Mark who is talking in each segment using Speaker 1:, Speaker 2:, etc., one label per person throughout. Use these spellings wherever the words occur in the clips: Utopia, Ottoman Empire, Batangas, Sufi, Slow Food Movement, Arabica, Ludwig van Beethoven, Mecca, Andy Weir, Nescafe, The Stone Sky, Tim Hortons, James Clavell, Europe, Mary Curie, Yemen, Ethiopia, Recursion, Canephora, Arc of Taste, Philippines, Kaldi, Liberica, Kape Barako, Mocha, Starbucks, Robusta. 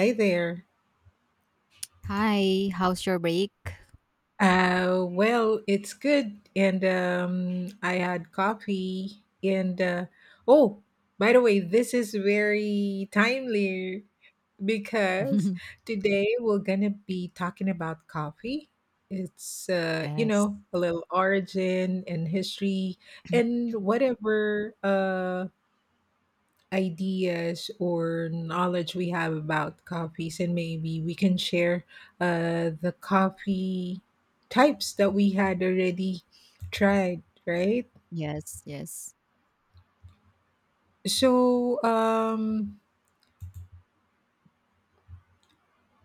Speaker 1: Hi there.
Speaker 2: Hi, how's your break?
Speaker 1: It's good. And I had coffee. Oh, by the way, this is very timely because today we're gonna be talking about coffee. It's
Speaker 2: Yes.
Speaker 1: a little origin and history and whatever. Ideas or knowledge we have about coffees, and maybe we can share the coffee types that we had already tried, right?
Speaker 2: Yes, yes.
Speaker 1: So,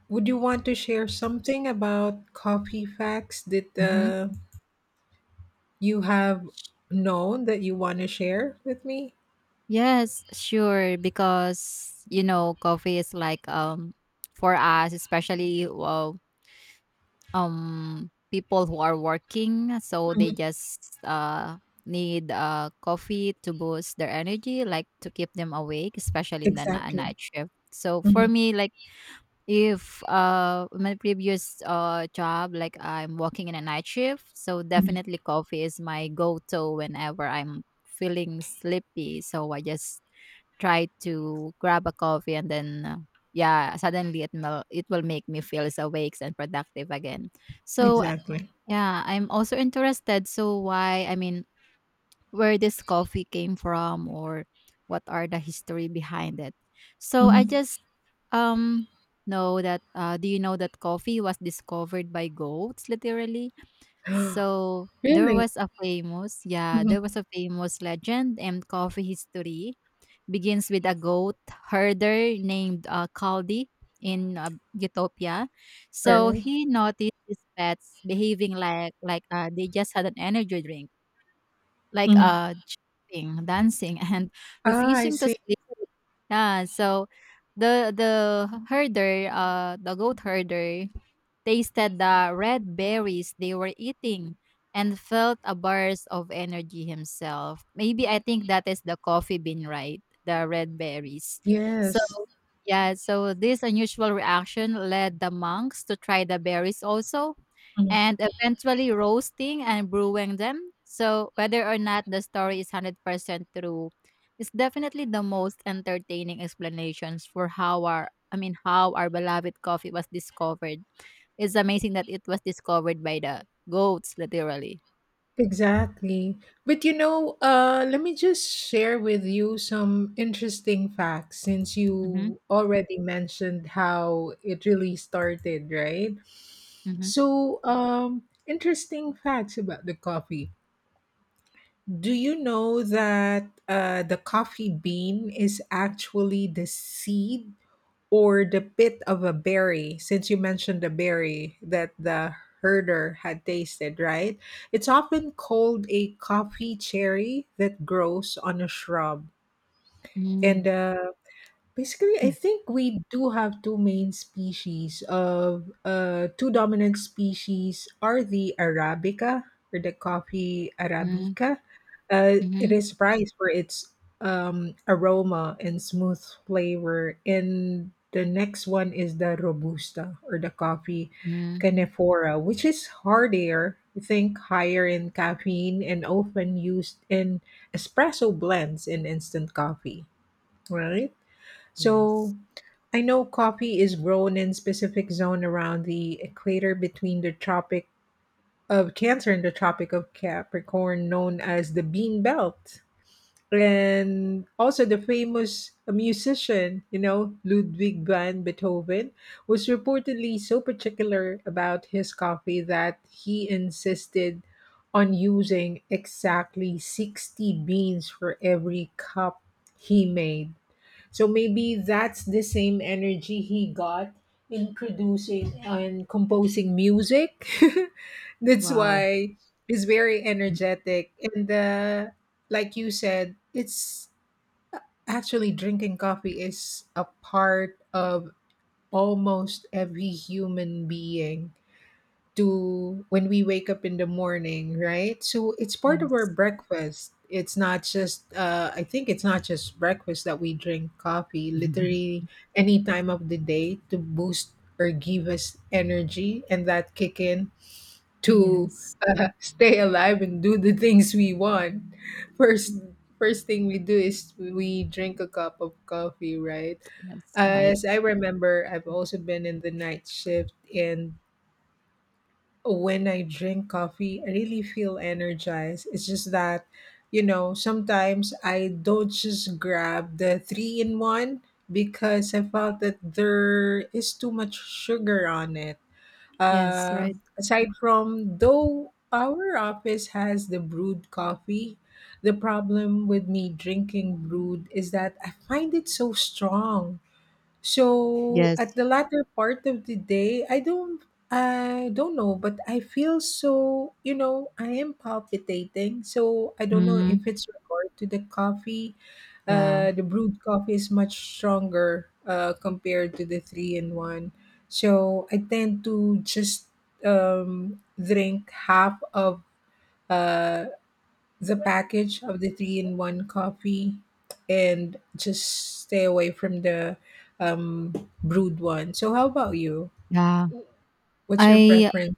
Speaker 1: would you want to share something about coffee facts that
Speaker 2: Hmm.
Speaker 1: you have known that you want to share with me?
Speaker 2: Yes, sure. Because coffee is like for us, especially people who are working, so they
Speaker 1: Mhm.
Speaker 2: just need coffee to boost their energy, like to keep them awake, especially in the
Speaker 1: Exactly.
Speaker 2: night shift. So for
Speaker 1: Mhm.
Speaker 2: me, like if my previous job, like I'm working in a night shift, so
Speaker 1: Mhm.
Speaker 2: definitely coffee is my go-to whenever I'm feeling sleepy, so I just try to grab a coffee and then yeah, suddenly it will make me feel so awake and productive again. So
Speaker 1: Exactly.
Speaker 2: yeah, I'm also interested, so why, I mean, where this coffee came from, or what are the history behind it. So I
Speaker 1: Mhm.
Speaker 2: just um know that, do you know that coffee was discovered by goats, literally? So there
Speaker 1: Really?
Speaker 2: was a famous yeah, there
Speaker 1: Mhm.
Speaker 2: was a famous legend and coffee history begins with a goat herder named Kaldi in Utopia. So
Speaker 1: Alright.
Speaker 2: he noticed his pets behaving like they just had an energy drink, like,
Speaker 1: Mhm.
Speaker 2: jumping, dancing, and
Speaker 1: Ah, I
Speaker 2: refusing to
Speaker 1: see.
Speaker 2: sleep. Yeah, so the the goat herder tasted the red berries they were eating, and felt a burst of energy himself. Maybe I think that is the coffee bean, right? The red berries. So,
Speaker 1: Yes.
Speaker 2: yeah, so this unusual reaction led the monks to try the berries also,
Speaker 1: Mhm.
Speaker 2: and eventually roasting and brewing them. So, whether or not the story is 100% true, it's definitely the most entertaining explanations for how our I mean how our beloved coffee was discovered. It's amazing that it was discovered by the goats, literally.
Speaker 1: Exactly. But you know, let me just share with you some interesting facts since
Speaker 2: Mhm,
Speaker 1: you already mentioned how it really started, right?
Speaker 2: mhm,
Speaker 1: So, interesting facts about the coffee. Do you know that the coffee bean is actually the seed or the pit of a berry? Since you mentioned the berry that the herder had tasted, right? It's often called a coffee cherry that grows on a shrub. And
Speaker 2: mm,
Speaker 1: the basically, I
Speaker 2: mm,
Speaker 1: think we do have two main species of two dominant species are the Arabica or the coffee Arabica.
Speaker 2: mhm,
Speaker 1: It
Speaker 2: mm.
Speaker 1: is prized for its aroma and smooth flavor. And the next one is the Robusta or the coffee Canephora, which is hardier, I think higher in caffeine, and often used in espresso blends in instant coffee, right? So
Speaker 2: Yes.
Speaker 1: I know coffee is grown in specific zone around the equator between the Tropic of Cancer and the Tropic of Capricorn, known as the bean belt. And also the famous musician, you know, Ludwig van Beethoven was reportedly so particular about his coffee that he insisted on using exactly 60 beans for every cup he made. So maybe that's the same energy he got in producing and composing music. That's
Speaker 2: Wow.
Speaker 1: why he's very
Speaker 2: Mm,
Speaker 1: energetic. And like you said, it's actually drinking coffee is a part of almost every human being to when we wake up in the morning, right? So it's part of our
Speaker 2: yes.
Speaker 1: breakfast. It's not just I think it's not just breakfast that we drink coffee, literally any time of the day to boost or give us energy and that kick in to
Speaker 2: Yes,
Speaker 1: stay alive and do the things we want. First first thing we do is we drink a cup of coffee, right?
Speaker 2: yes, right.
Speaker 1: As I remember, I've also been in the night shift, and when I drink coffee, I really feel energized. It's just that, you know, sometimes I don't just grab the three in one because I felt that there is too much sugar on it.
Speaker 2: Yes,
Speaker 1: Uh,
Speaker 2: right.
Speaker 1: Aside from though our office has the brewed coffee, the problem with me drinking brewed is that I find it so strong. So at
Speaker 2: Yes.
Speaker 1: the latter part of the day, I don't know, but I feel so, you know, I am palpitating. So I don't know
Speaker 2: Mm,
Speaker 1: if it's regard to the coffee.
Speaker 2: yeah.
Speaker 1: The brewed coffee is much stronger compared to the three in one. So I tend to just drink half of uh, the package of the three in one coffee and just stay away from the um, brewed one. So, how about you?
Speaker 2: Yeah.
Speaker 1: What's your
Speaker 2: I
Speaker 1: preference?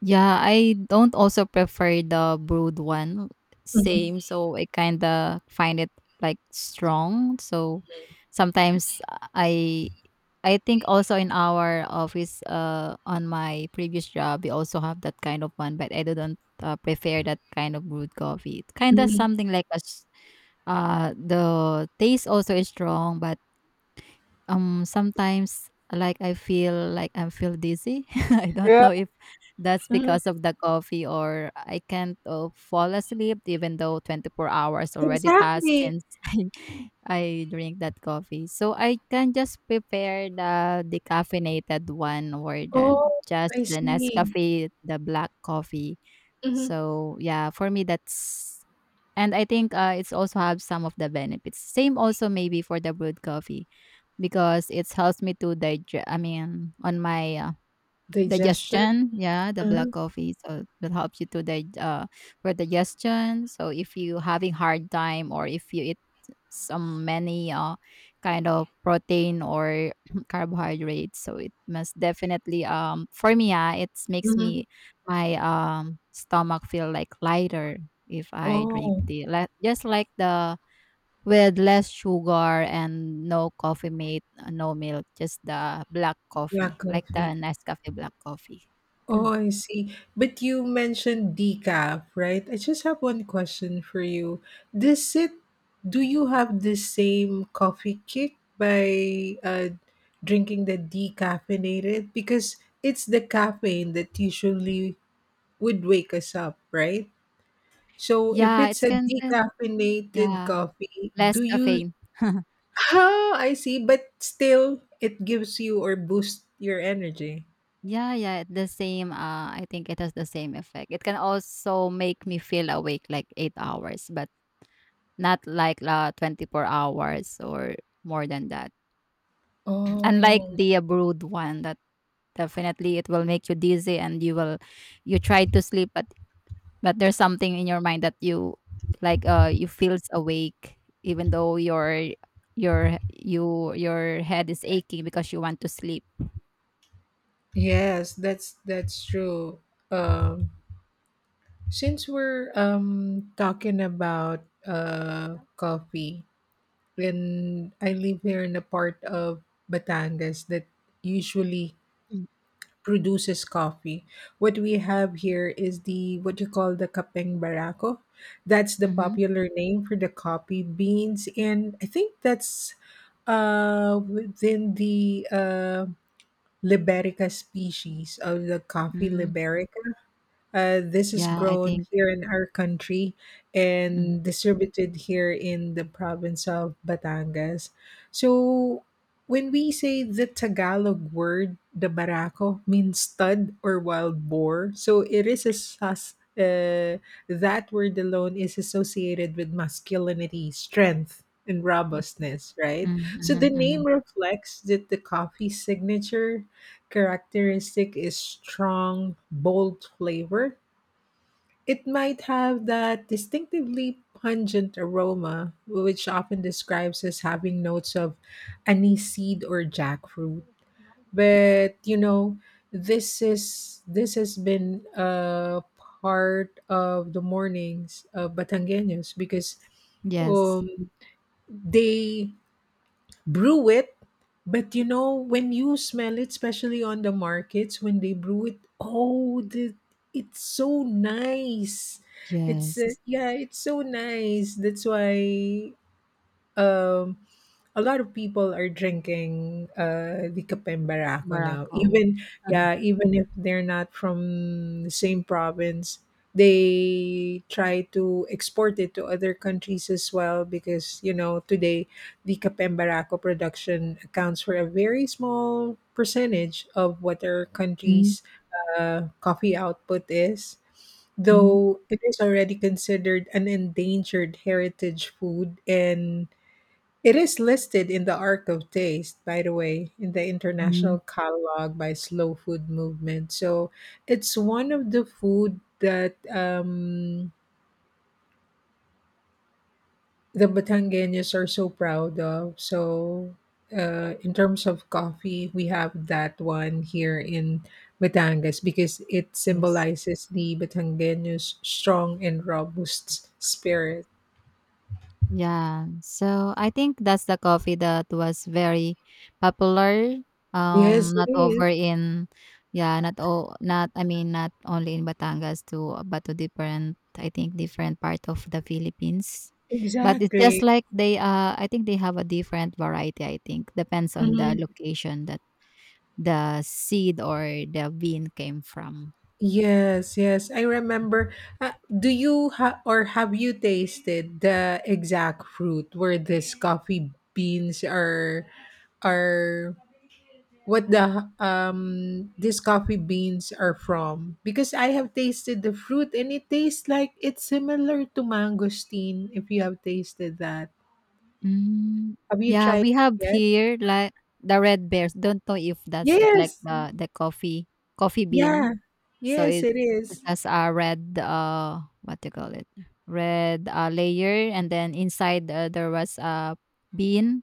Speaker 2: Yeah, I don't also prefer the brewed one.
Speaker 1: Mhm,
Speaker 2: Same, so I kinda find it like strong. So sometimes I I think also in our office, on my previous job, we also have that kind of one, but I didn't prefer that kind of brewed coffee. It's kind of
Speaker 1: mhm,
Speaker 2: something like a, the taste also is strong, but sometimes, like I feel dizzy. I don't
Speaker 1: yeah.
Speaker 2: know if that's
Speaker 1: Mhm.
Speaker 2: because of the coffee, or I can't fall asleep, even though 24 hours already passed
Speaker 1: Exactly.
Speaker 2: since I drink that coffee. So I can just prepare the decaffeinated one, or the
Speaker 1: Oh,
Speaker 2: just
Speaker 1: I
Speaker 2: the
Speaker 1: see.
Speaker 2: Nescafe, the black coffee.
Speaker 1: Mhm.
Speaker 2: So yeah, for me, that's. And I think, it's also have some of the benefits. Same also maybe for the brewed coffee, because it's helps me to digest. I mean, on my,
Speaker 1: Digestion.
Speaker 2: digestion, yeah, the black
Speaker 1: Uh-huh.
Speaker 2: coffee, so that helps you to dig for digestion. So if you having hard time, or if you eat some many kind of protein or carbohydrates, so it must definitely, for me, yeah, it makes
Speaker 1: Mhm.
Speaker 2: me my stomach feel like lighter, if I drink
Speaker 1: Oh,
Speaker 2: the, like, just like the, with less sugar and no coffee mate, no milk, just the black
Speaker 1: yeah,
Speaker 2: coffee, like the
Speaker 1: coffee.
Speaker 2: Nescafe black coffee.
Speaker 1: Oh, I see. But you mentioned decaf, right? I just have one question for you. Does it, do you have the same coffee kick by drinking the decaffeinated? Because it's the caffeine that usually would wake us up, right? So if
Speaker 2: Yeah,
Speaker 1: it's
Speaker 2: it's
Speaker 1: a
Speaker 2: kinda,
Speaker 1: decaffeinated
Speaker 2: yeah,
Speaker 1: coffee,
Speaker 2: less
Speaker 1: do you,
Speaker 2: caffeine.
Speaker 1: ah, I see, but still it gives you or boosts your energy.
Speaker 2: Yeah, yeah, the same. I think it has the same effect. It can also make me feel awake like 8 hours, but not like 24 hours or more than that. Unlike
Speaker 1: Oh.
Speaker 2: the brood one, that definitely it will make you dizzy, and you try to sleep, but there's something in your mind that you, like, you feels awake, even though your head is aching because you want to sleep.
Speaker 1: Yes, that's true. Um, since we're talking about coffee, and I live here in a part of Batangas that usually
Speaker 2: Mm,
Speaker 1: produces coffee. What we have here is the what you call the kapeng barako. That's the
Speaker 2: mhm,
Speaker 1: popular name for the coffee beans, and I think that's within the liberica species of the coffee
Speaker 2: mm.
Speaker 1: liberica. This is
Speaker 2: Yeah, I
Speaker 1: grown
Speaker 2: think.
Speaker 1: here in our country and
Speaker 2: Mhm,
Speaker 1: distributed here in the province of Batangas. So, when we say the Tagalog word, the barako, means stud or wild boar. So, it is a sus. That word alone is associated with masculinity, strength, and
Speaker 2: mm,
Speaker 1: robustness, right?
Speaker 2: mhm,
Speaker 1: So the
Speaker 2: mhm,
Speaker 1: name
Speaker 2: mhm.
Speaker 1: reflects that the coffee signature characteristic is strong, bold flavor. It might have that distinctively pungent aroma, which often describes as having notes of anise seed or jackfruit. But you know, this is this has been a part of the mornings of Batangueños because
Speaker 2: Yes.
Speaker 1: um, they brew it. But you know when you smell it, especially on the markets when they brew it, oh, the, it's so nice. It's
Speaker 2: Yes.
Speaker 1: yeah, it's so nice. That's why um a lot of people are drinking the Kape Barako now.
Speaker 2: Morocco.
Speaker 1: Even
Speaker 2: Uh-huh.
Speaker 1: yeah, even if they're not from the same province, they try to export it to other countries as well, because you know today the Kape Barako production accounts for a very small percentage of what our
Speaker 2: Mhm,
Speaker 1: country's coffee output is.
Speaker 2: mhm,
Speaker 1: Though it is already considered an endangered heritage food, and it is listed in the Arc of Taste, by the way, in the
Speaker 2: mhm.
Speaker 1: international catalog by Slow Food Movement. So it's one of the food that the Batangueños are so proud of. So in terms of coffee, we have that one here in Batangas because it
Speaker 2: Yes.
Speaker 1: symbolizes the Batangueños' strong and robust spirit.
Speaker 2: Yeah. So I think that's the coffee that was very popular,
Speaker 1: Yes,
Speaker 2: not
Speaker 1: it is.
Speaker 2: over in yeah, not o not I mean, not only in Batangas too, but to different, I think, different part of the Philippines. But it's just
Speaker 1: Exactly.
Speaker 2: like they, uh, I think they have a different variety, I think. Depends on the
Speaker 1: Mhm.
Speaker 2: location that the seed or the bean came from.
Speaker 1: Yes, yes, I remember. Do you or have you tasted the exact fruit where this coffee beans are what the these coffee beans are from? Because I have tasted the fruit and it tastes like it's similar to mangosteen if you have tasted that.
Speaker 2: Mm.
Speaker 1: Have you
Speaker 2: Yeah,
Speaker 1: tried it
Speaker 2: we have
Speaker 1: yet?
Speaker 2: here like the red bears. Don't know if that's it, like
Speaker 1: Yes.
Speaker 2: the coffee
Speaker 1: Yeah.
Speaker 2: bean. So
Speaker 1: Yes,
Speaker 2: it's,
Speaker 1: it
Speaker 2: it
Speaker 1: is.
Speaker 2: has a red, uh, what do you call it? Red, layer, and then inside, there was a bean.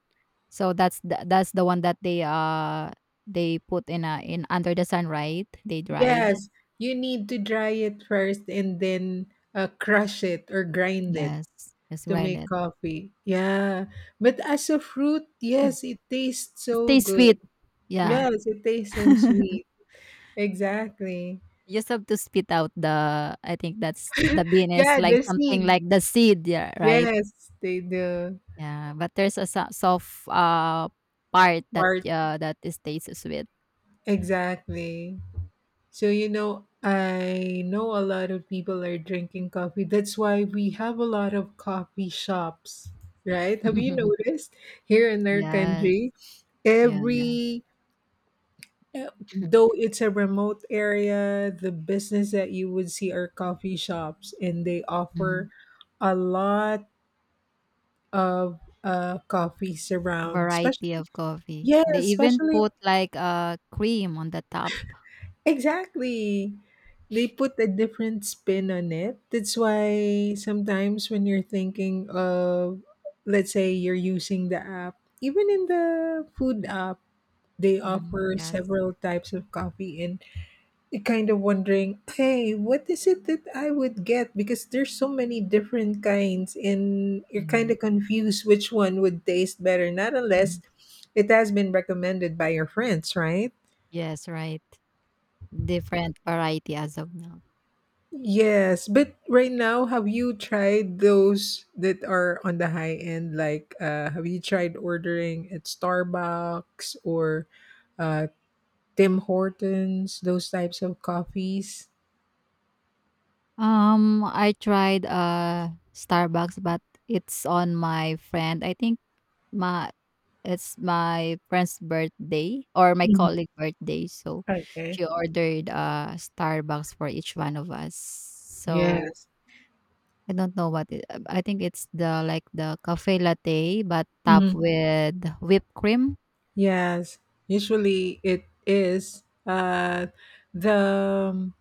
Speaker 2: So that's the one that they put in a in under the sun, right? They dried.
Speaker 1: Yes, you need to dry it first and then crush it or grind it
Speaker 2: Yes, yes,
Speaker 1: to make
Speaker 2: grinded.
Speaker 1: coffee. Yeah. But as a fruit,
Speaker 2: Mm.
Speaker 1: yes, it tastes
Speaker 2: It
Speaker 1: so
Speaker 2: tastes
Speaker 1: good.
Speaker 2: sweet. Yeah.
Speaker 1: Yes, it tastes so sweet. Exactly.
Speaker 2: You just have to spit out the, I think that's the bean, is
Speaker 1: Yeah,
Speaker 2: like
Speaker 1: the
Speaker 2: something
Speaker 1: seed.
Speaker 2: like the seed, yeah, right?
Speaker 1: Yes, they do.
Speaker 2: Yeah, but there's a so soft, part that,
Speaker 1: Part.
Speaker 2: that it stays sweet.
Speaker 1: Exactly. So, you know, I know a lot of people are drinking coffee. That's why we have a lot of coffee shops, right? Have you noticed here in our
Speaker 2: Yes.
Speaker 1: country,
Speaker 2: Yeah, yeah.
Speaker 1: every though it's a remote area, the business that you would see are coffee shops, and they
Speaker 2: Mm.
Speaker 1: offer a lot of coffees around, especially
Speaker 2: Variety of coffee.
Speaker 1: yeah,
Speaker 2: They even
Speaker 1: especially
Speaker 2: put like, cream on the top.
Speaker 1: exactly. They put a different spin on it. That's why sometimes when you're thinking of, let's say you're using the app, even in the food app, they
Speaker 2: Mm,
Speaker 1: offer
Speaker 2: yes.
Speaker 1: several types of coffee, and you're kind of wondering, hey, what is it that I would get? Because there's so many different kinds and you're kind
Speaker 2: Yeah.
Speaker 1: of confused which one would taste better, not unless
Speaker 2: Mhm.
Speaker 1: it has been recommended by your friends, right?
Speaker 2: Yes, right. Different variety as of now.
Speaker 1: Yes, but right now, have you tried those that are on the high end? Like, have you tried ordering at Starbucks or uh, Tim Hortons, those types of coffees?
Speaker 2: I tried Starbucks, but it's on my friend. I think, my it's my friend's birthday or my
Speaker 1: Mm,
Speaker 2: colleague birthday, so
Speaker 1: okay.
Speaker 2: she ordered Starbucks for each one of us. So
Speaker 1: Yes.
Speaker 2: I don't know what it, I think it's the, like, the cafe latte, but topped with whipped cream
Speaker 1: Yes, usually it is. The um,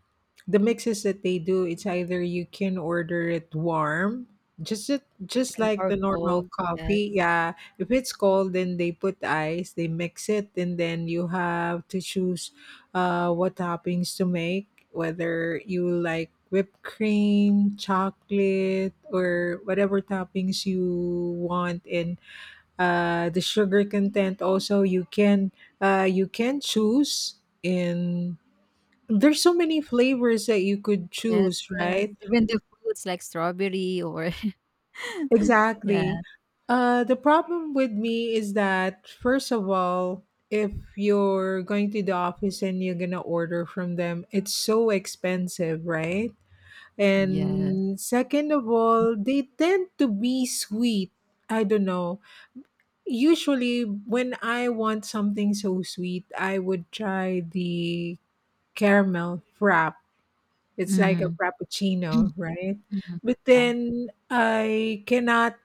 Speaker 1: the mixes that they do, it's either you can order it warm, just it, just
Speaker 2: and
Speaker 1: like
Speaker 2: or
Speaker 1: the normal
Speaker 2: cold. Yes,
Speaker 1: coffee. Yeah, if it's cold, then they put ice, they mix it, and then you have to choose what toppings to make, whether you like whipped cream, chocolate, or whatever toppings you want. And the sugar content also you can choose in there's so many flavors that you could
Speaker 2: yes,
Speaker 1: choose,
Speaker 2: yes.
Speaker 1: right?
Speaker 2: Even the fruits like strawberry or
Speaker 1: Exactly.
Speaker 2: yeah,
Speaker 1: The problem with me is that, first of all, if you're going to the office and you're gonna order from them, it's so expensive, right?
Speaker 2: yes.
Speaker 1: And second of all, they tend to be sweet. I don't know. Usually, when I want something so sweet, I would try the caramel frap. It's like a
Speaker 2: Mm.
Speaker 1: frappuccino, right?
Speaker 2: Mhm,
Speaker 1: But
Speaker 2: yeah.
Speaker 1: then I cannot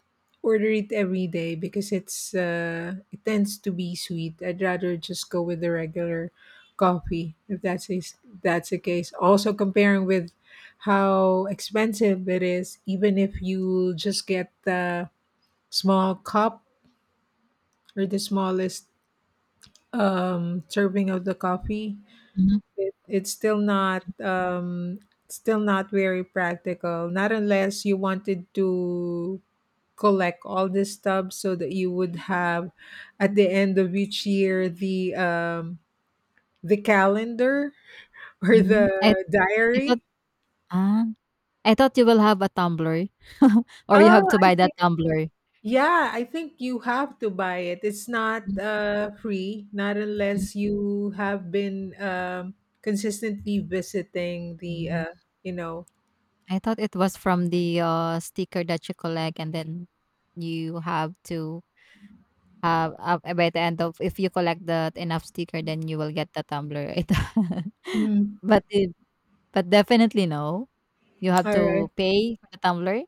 Speaker 1: order it every day because it's it tends to be sweet. I'd rather just go with the regular coffee if that's is that's the case. Also, comparing with how expensive it is, even if you just get the small cup or the smallest serving of the coffee.
Speaker 2: Mhm,
Speaker 1: It, it's still not very practical. Not unless you wanted to collect all the stubs so that you would have at the end of each year the calendar or the
Speaker 2: mhm. I I
Speaker 1: diary.
Speaker 2: thought, ah, I thought you will have a tumbler. Or you
Speaker 1: Oh,
Speaker 2: have to
Speaker 1: I
Speaker 2: buy
Speaker 1: see.
Speaker 2: that tumbler.
Speaker 1: Yeah, I think you have to buy it. It's not
Speaker 2: Mm,
Speaker 1: free, not
Speaker 2: mm,
Speaker 1: unless you have been consistently visiting the,
Speaker 2: mm.
Speaker 1: you know.
Speaker 2: I thought it was from the, sticker that you collect, and then you have to have, by the end of, if you collect that enough sticker, then you will get the tumbler. I thought,
Speaker 1: Mhm.
Speaker 2: but it, but definitely no. You have
Speaker 1: All right.
Speaker 2: to pay for the tumbler?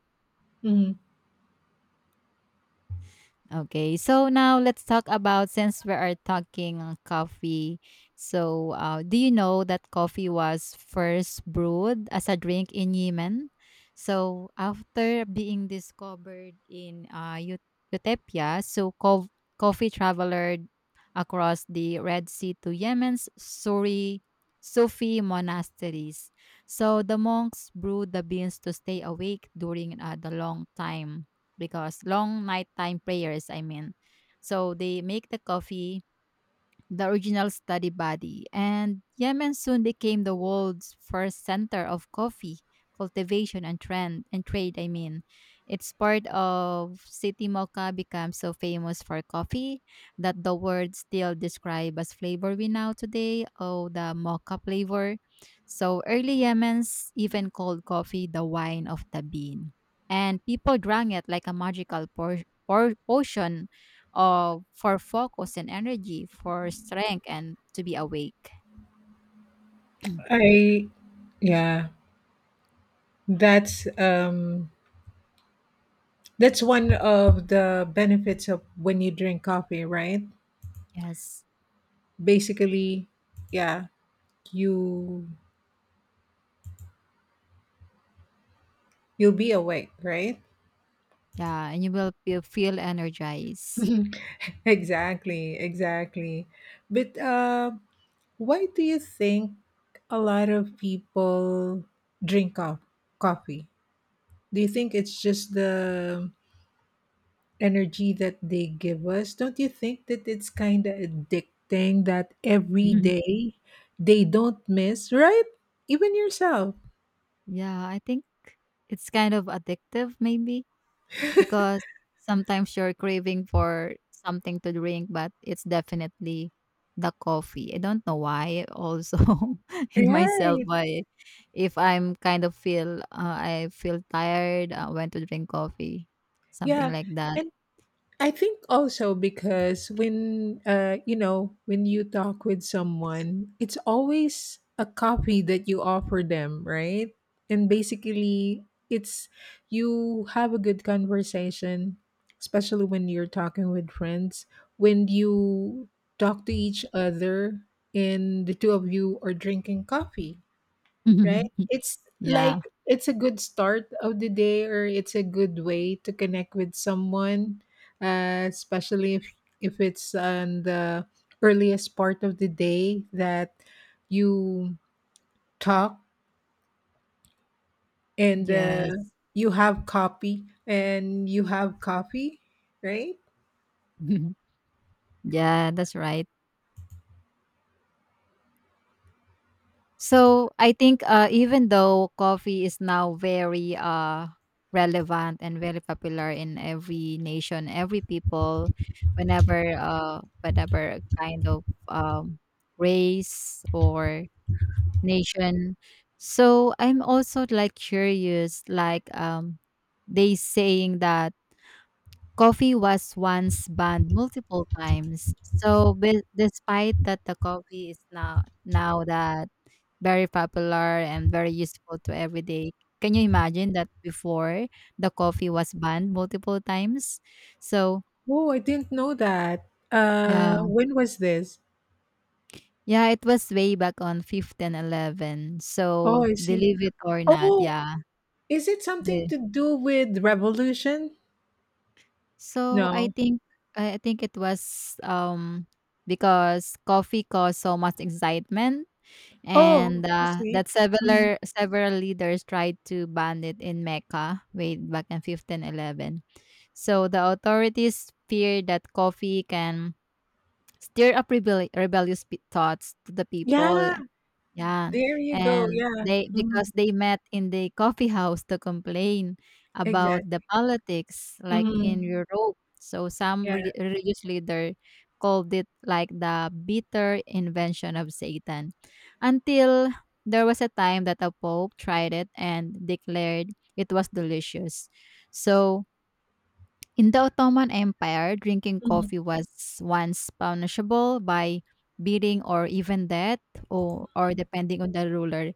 Speaker 1: Mhm.
Speaker 2: Okay, so now let's talk about, since we are talking on coffee. So, do you know that coffee was first brewed as a drink in Yemen? So, after being discovered in Utopia, so coffee traveled across the Red Sea to Yemen's Suri Sufi monasteries. So, the monks brewed the beans to stay awake during the long time, because long nighttime prayers, I mean. So they make the coffee the original study body, and Yemen soon became the world's first center of coffee cultivation and trend and trade. I mean, it's part of City Mocha became so famous for coffee that the word still describe as flavor we know today. Oh, the mocha flavor. So early Yemen's even called coffee the wine of the bean, and people drank it like a magical potion, for focus and energy, for strength and to be awake.
Speaker 1: I, yeah, that's um, that's one of the benefits of when you drink coffee, right?
Speaker 2: Yes.
Speaker 1: Basically, yeah, you you'll be awake, right?
Speaker 2: Yeah, and you will feel energized.
Speaker 1: Exactly, exactly. But. Why do you think a lot of people drink coffee? Do you think it's just the energy that they give us? Don't you think that it's kind of addicting that every
Speaker 2: Mhm.
Speaker 1: day they don't miss, right? Even yourself.
Speaker 2: Yeah, I think it's kind of addictive maybe, because sometimes you're craving for something to drink, but it's definitely the coffee. I don't know why also, in myself,
Speaker 1: Right.
Speaker 2: why if I'm kind of feel, I feel tired, I went to drink coffee, something
Speaker 1: Yeah.
Speaker 2: like that.
Speaker 1: And I think also because when you know, when you talk with someone, it's always a copy that you offer them, right? And basically, it's you have a good conversation, especially when you're talking with friends. When you talk to each other and the two of you are drinking coffee, right? It's like
Speaker 2: Yeah.
Speaker 1: it's a good start of the day, or it's a good way to connect with someone, especially if it's on the earliest part of the day that you talk, and
Speaker 2: Yes.
Speaker 1: you have coffee and you have coffee, right?
Speaker 2: Yeah, that's right. So I think, even though coffee is now very, relevant and very popular in every nation, every people, whenever, whatever kind of, race or nation. So I'm also like curious, like, they saying that coffee was once banned multiple times. So, despite that, the coffee is now that very popular and very useful to everyday. Can you imagine that before, the coffee was banned multiple times? So,
Speaker 1: Oh, I didn't know that.
Speaker 2: yeah,
Speaker 1: When was this?
Speaker 2: yeah, it was way back on 1511.
Speaker 1: Oh,
Speaker 2: So,
Speaker 1: I see.
Speaker 2: believe it or not,
Speaker 1: Oh,
Speaker 2: yeah.
Speaker 1: is it something
Speaker 2: The,
Speaker 1: to do with revolution?
Speaker 2: so, I
Speaker 1: No.
Speaker 2: think, it was because coffee caused so much excitement,
Speaker 1: Oh,
Speaker 2: and
Speaker 1: I see.
Speaker 2: that
Speaker 1: Mhm.
Speaker 2: several leaders tried to ban it in Mecca way back in 1511. So the authorities feared that coffee can stir up rebellious thoughts to the people,
Speaker 1: Yeah,
Speaker 2: yeah,
Speaker 1: there you go.
Speaker 2: and
Speaker 1: Yeah.
Speaker 2: they, because
Speaker 1: Mhm.
Speaker 2: they met in the coffee house to complain about the
Speaker 1: Exactly.
Speaker 2: politics, like in
Speaker 1: Mhm.
Speaker 2: Europe. So some
Speaker 1: Yeah.
Speaker 2: religious leader called it like the bitter invention of Satan, until there was a time that a pope tried it and declared it was delicious. So in the Ottoman Empire, drinking
Speaker 1: Mhm.
Speaker 2: coffee was once punishable by beating or even death, or depending on the ruler.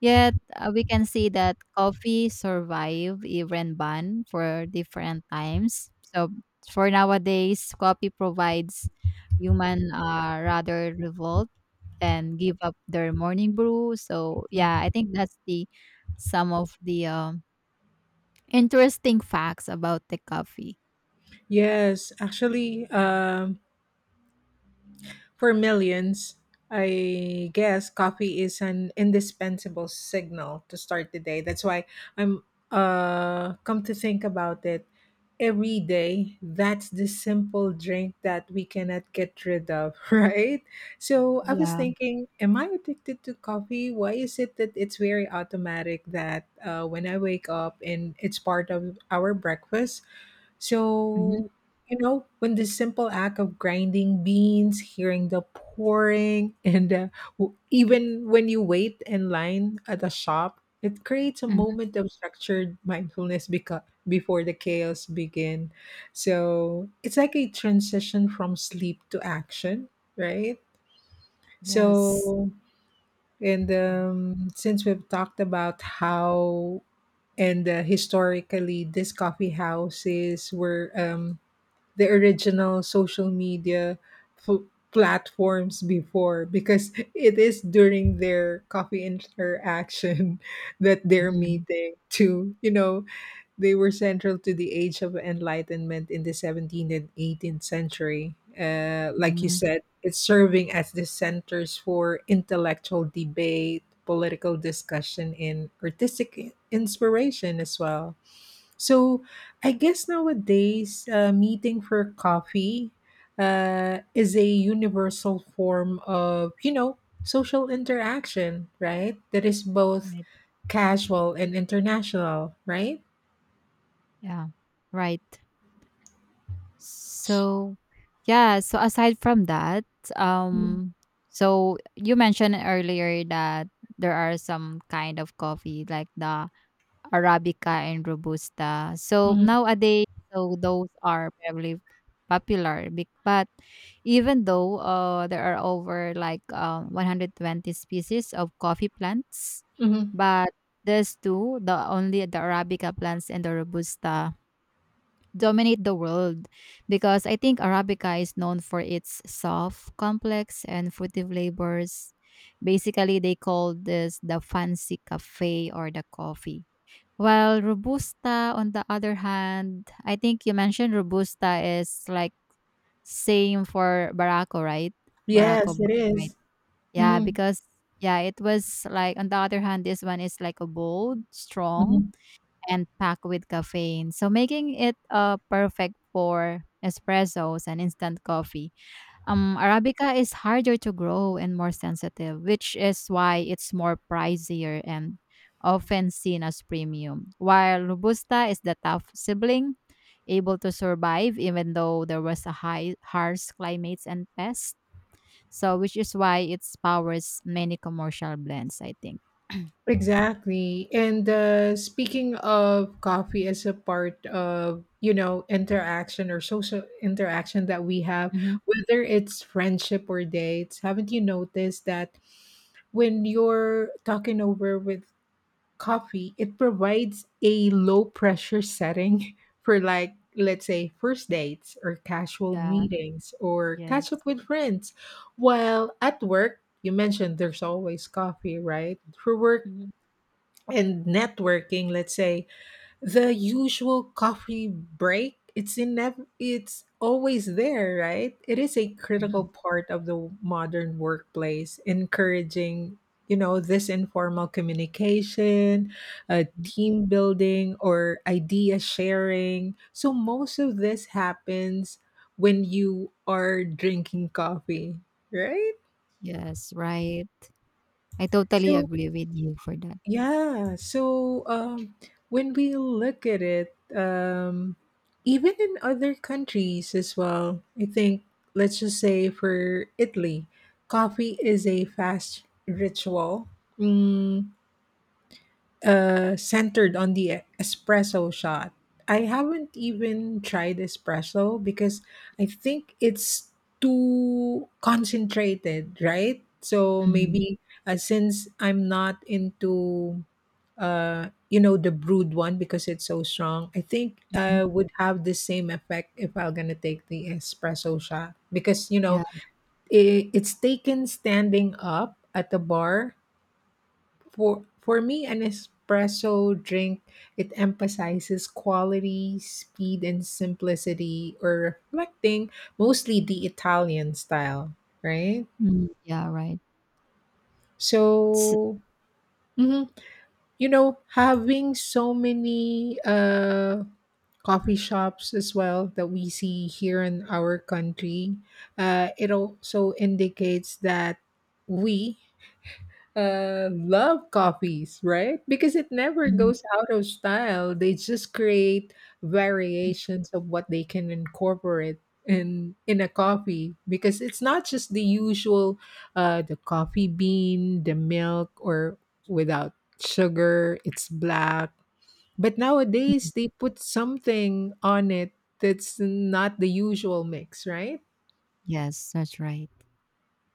Speaker 2: Yet, we can see that coffee survived even ban for different times. So, for nowadays, coffee provides human, rather revolt than give up their morning brew. So, yeah, I
Speaker 1: Mhm.
Speaker 2: think that's the some of the interesting facts about the coffee.
Speaker 1: Yes, actually, for millions, I guess coffee is an indispensable signal to start the day. That's why I'm, come to think about it, every day that's the simple drink that we cannot get rid of, right? So I was
Speaker 2: Yeah.
Speaker 1: thinking, am I addicted to coffee? Why is it that it's very automatic that, when I wake up, and it's part of our breakfast,
Speaker 2: Mhm,
Speaker 1: so, you know, when the simple act of grinding beans, hearing the pouring, and even when you wait in line at a shop, it creates a
Speaker 2: mhm.
Speaker 1: moment of structured mindfulness before the chaos begin. So it's like a transition from sleep to action, right?
Speaker 2: Yes.
Speaker 1: So, and since we've talked about how and historically, these coffee houses were, the original social media pl- platforms before, because it is during their coffee interaction that they're
Speaker 2: Mhm,
Speaker 1: meeting to, you know, they were central to the age of enlightenment in the 17th and 18th century. Like you
Speaker 2: mhm.
Speaker 1: said, it's serving as the centers for intellectual debate, political discussion, and artistic inspiration as well. So I guess nowadays, meeting for coffee, is a universal form of, you know, social interaction, right? That is both
Speaker 2: Right.
Speaker 1: casual and international, right?
Speaker 2: Yeah. Right. So, yeah, so aside from that,
Speaker 1: Mm.
Speaker 2: um, so you mentioned earlier that there are some kind of coffee like the Arabica and Robusta. So nowadays, so those are probably popular. But even though, there are over like, 120 species of coffee plants,
Speaker 1: Mm-hmm.
Speaker 2: but these two, the only the Arabica plants and the Robusta dominate the world, because I think Arabica is known for its soft, complex, and fruity flavors. Basically, they call this the fancy cafe or the coffee, while Robusta, on the other hand, I think you mentioned Robusta is like same for Barako, right?
Speaker 1: Yes, it
Speaker 2: Right?
Speaker 1: is.
Speaker 2: Yeah,
Speaker 1: Mm-hmm.
Speaker 2: because yeah, it was like, on the other hand, this one is like a bold, strong, and packed with caffeine, so making it perfect for espressos and instant coffee. Arabica is harder to grow and more sensitive, which is why it's more pricier and often seen as premium. While Robusta is the tough sibling, able to survive even though there was a high harsh climates and pests. So, which is why it powers many commercial blends, I think.
Speaker 1: Exactly. And speaking of coffee as a part of, you know, interaction or social interaction that we have,
Speaker 2: Mhm.
Speaker 1: whether it's friendship or dates, haven't you noticed that when you're talking over with coffee, it provides a low pressure setting for, like, let's say, first dates or casual
Speaker 2: Yeah.
Speaker 1: meetings or
Speaker 2: Yes.
Speaker 1: catch up with friends. While at work, you mentioned there's always coffee, right? For work,
Speaker 2: Mhm.
Speaker 1: and networking, let's say the usual coffee break, it's in it's always there, right? It is a critical
Speaker 2: Mhm.
Speaker 1: part of the modern workplace, encouraging, you know, this informal communication,
Speaker 2: Mhm.
Speaker 1: team building or idea sharing. So most of this happens when you are drinking coffee, right?
Speaker 2: Yes, right. I totally
Speaker 1: So
Speaker 2: agree with you for that.
Speaker 1: yeah. So when we look at it, even in other countries as well, I think, let's just say for Italy, coffee is a fast ritual, mm, centered on the espresso shot. I haven't even tried espresso because I think it's too concentrated, right? So
Speaker 2: Mhm.
Speaker 1: maybe, since I'm not into, uh, you know, the brewed one, because it's so strong. I think would have the same effect if I'm gonna take the espresso shot, because, you know,
Speaker 2: Yeah.
Speaker 1: it's taken standing up at the bar. For me, an espresso drink, it emphasizes quality, speed, and simplicity, or reflecting mostly the Italian style, right?
Speaker 2: Mhm. Yeah, right.
Speaker 1: So mhm. You know, having so many coffee shops as well that we see here in our country, it also indicates that we, love copies, right? Because it never goes out of style. They just create variations of what they can incorporate in a coffee, because it's not just the usual, the coffee bean, the milk, or without sugar, it's black, but nowadays they put something on it that's not the usual mix, right?
Speaker 2: Yes, that's right.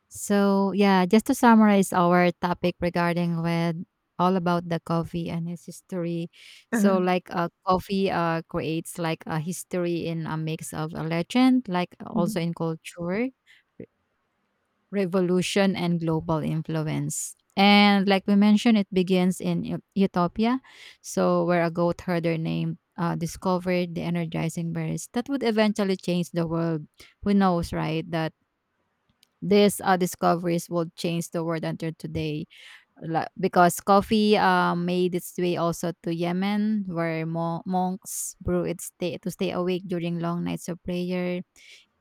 Speaker 2: So, yeah, just to summarize our topic regarding with all about the coffee and its history. So,
Speaker 1: Uh-huh.
Speaker 2: like, coffee, creates like a history in a mix of a legend, like also
Speaker 1: Mhm.
Speaker 2: in culture, re- revolution, and global influence. And like we mentioned, it begins in Ethiopia, so where a goat herder named, discovered the energizing berries that would eventually change the world. Who knows, right? That these, discoveries will change the world until today. Because coffee, made its way also to Yemen, where monks brew it, to stay awake during long nights of prayer,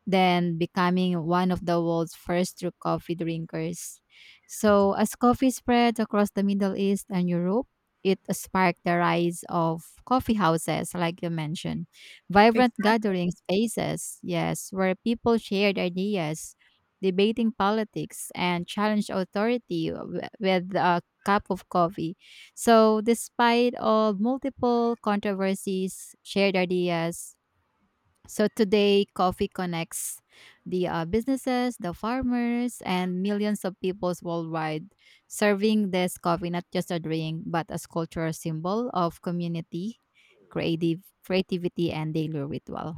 Speaker 2: then becoming one of the world's first true coffee drinkers. So, as coffee spread across the Middle East and Europe, it sparked the rise of coffee houses, like you mentioned, vibrant gathering spaces, yes, where people shared ideas, debating politics, and challenged authority with a cup of coffee. So, despite all multiple controversies, shared ideas, so today, coffee connects the, businesses, the farmers, and millions of peoples worldwide, serving this coffee not just a drink but as cultural symbol of community, creative creativity, and daily ritual.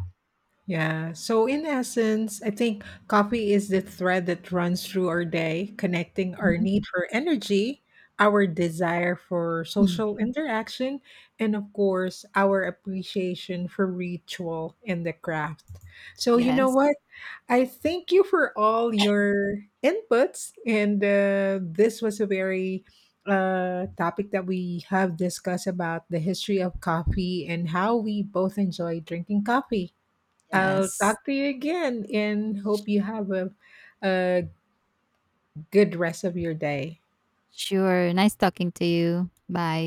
Speaker 1: Yeah. So, in essence, I think coffee is the thread that runs through our day, connecting our need for energy, our desire for
Speaker 2: Mhm.
Speaker 1: social interaction, and of course, our appreciation for ritual and the craft. So, you know
Speaker 2: Yes,
Speaker 1: what? I thank you for all your inputs. And this was a very, topic that we have discussed about the history of coffee and how we both enjoy drinking coffee. I'll
Speaker 2: yes,
Speaker 1: talk to you again and hope you have a good rest of your day.
Speaker 2: sure. Nice talking to you. Bye.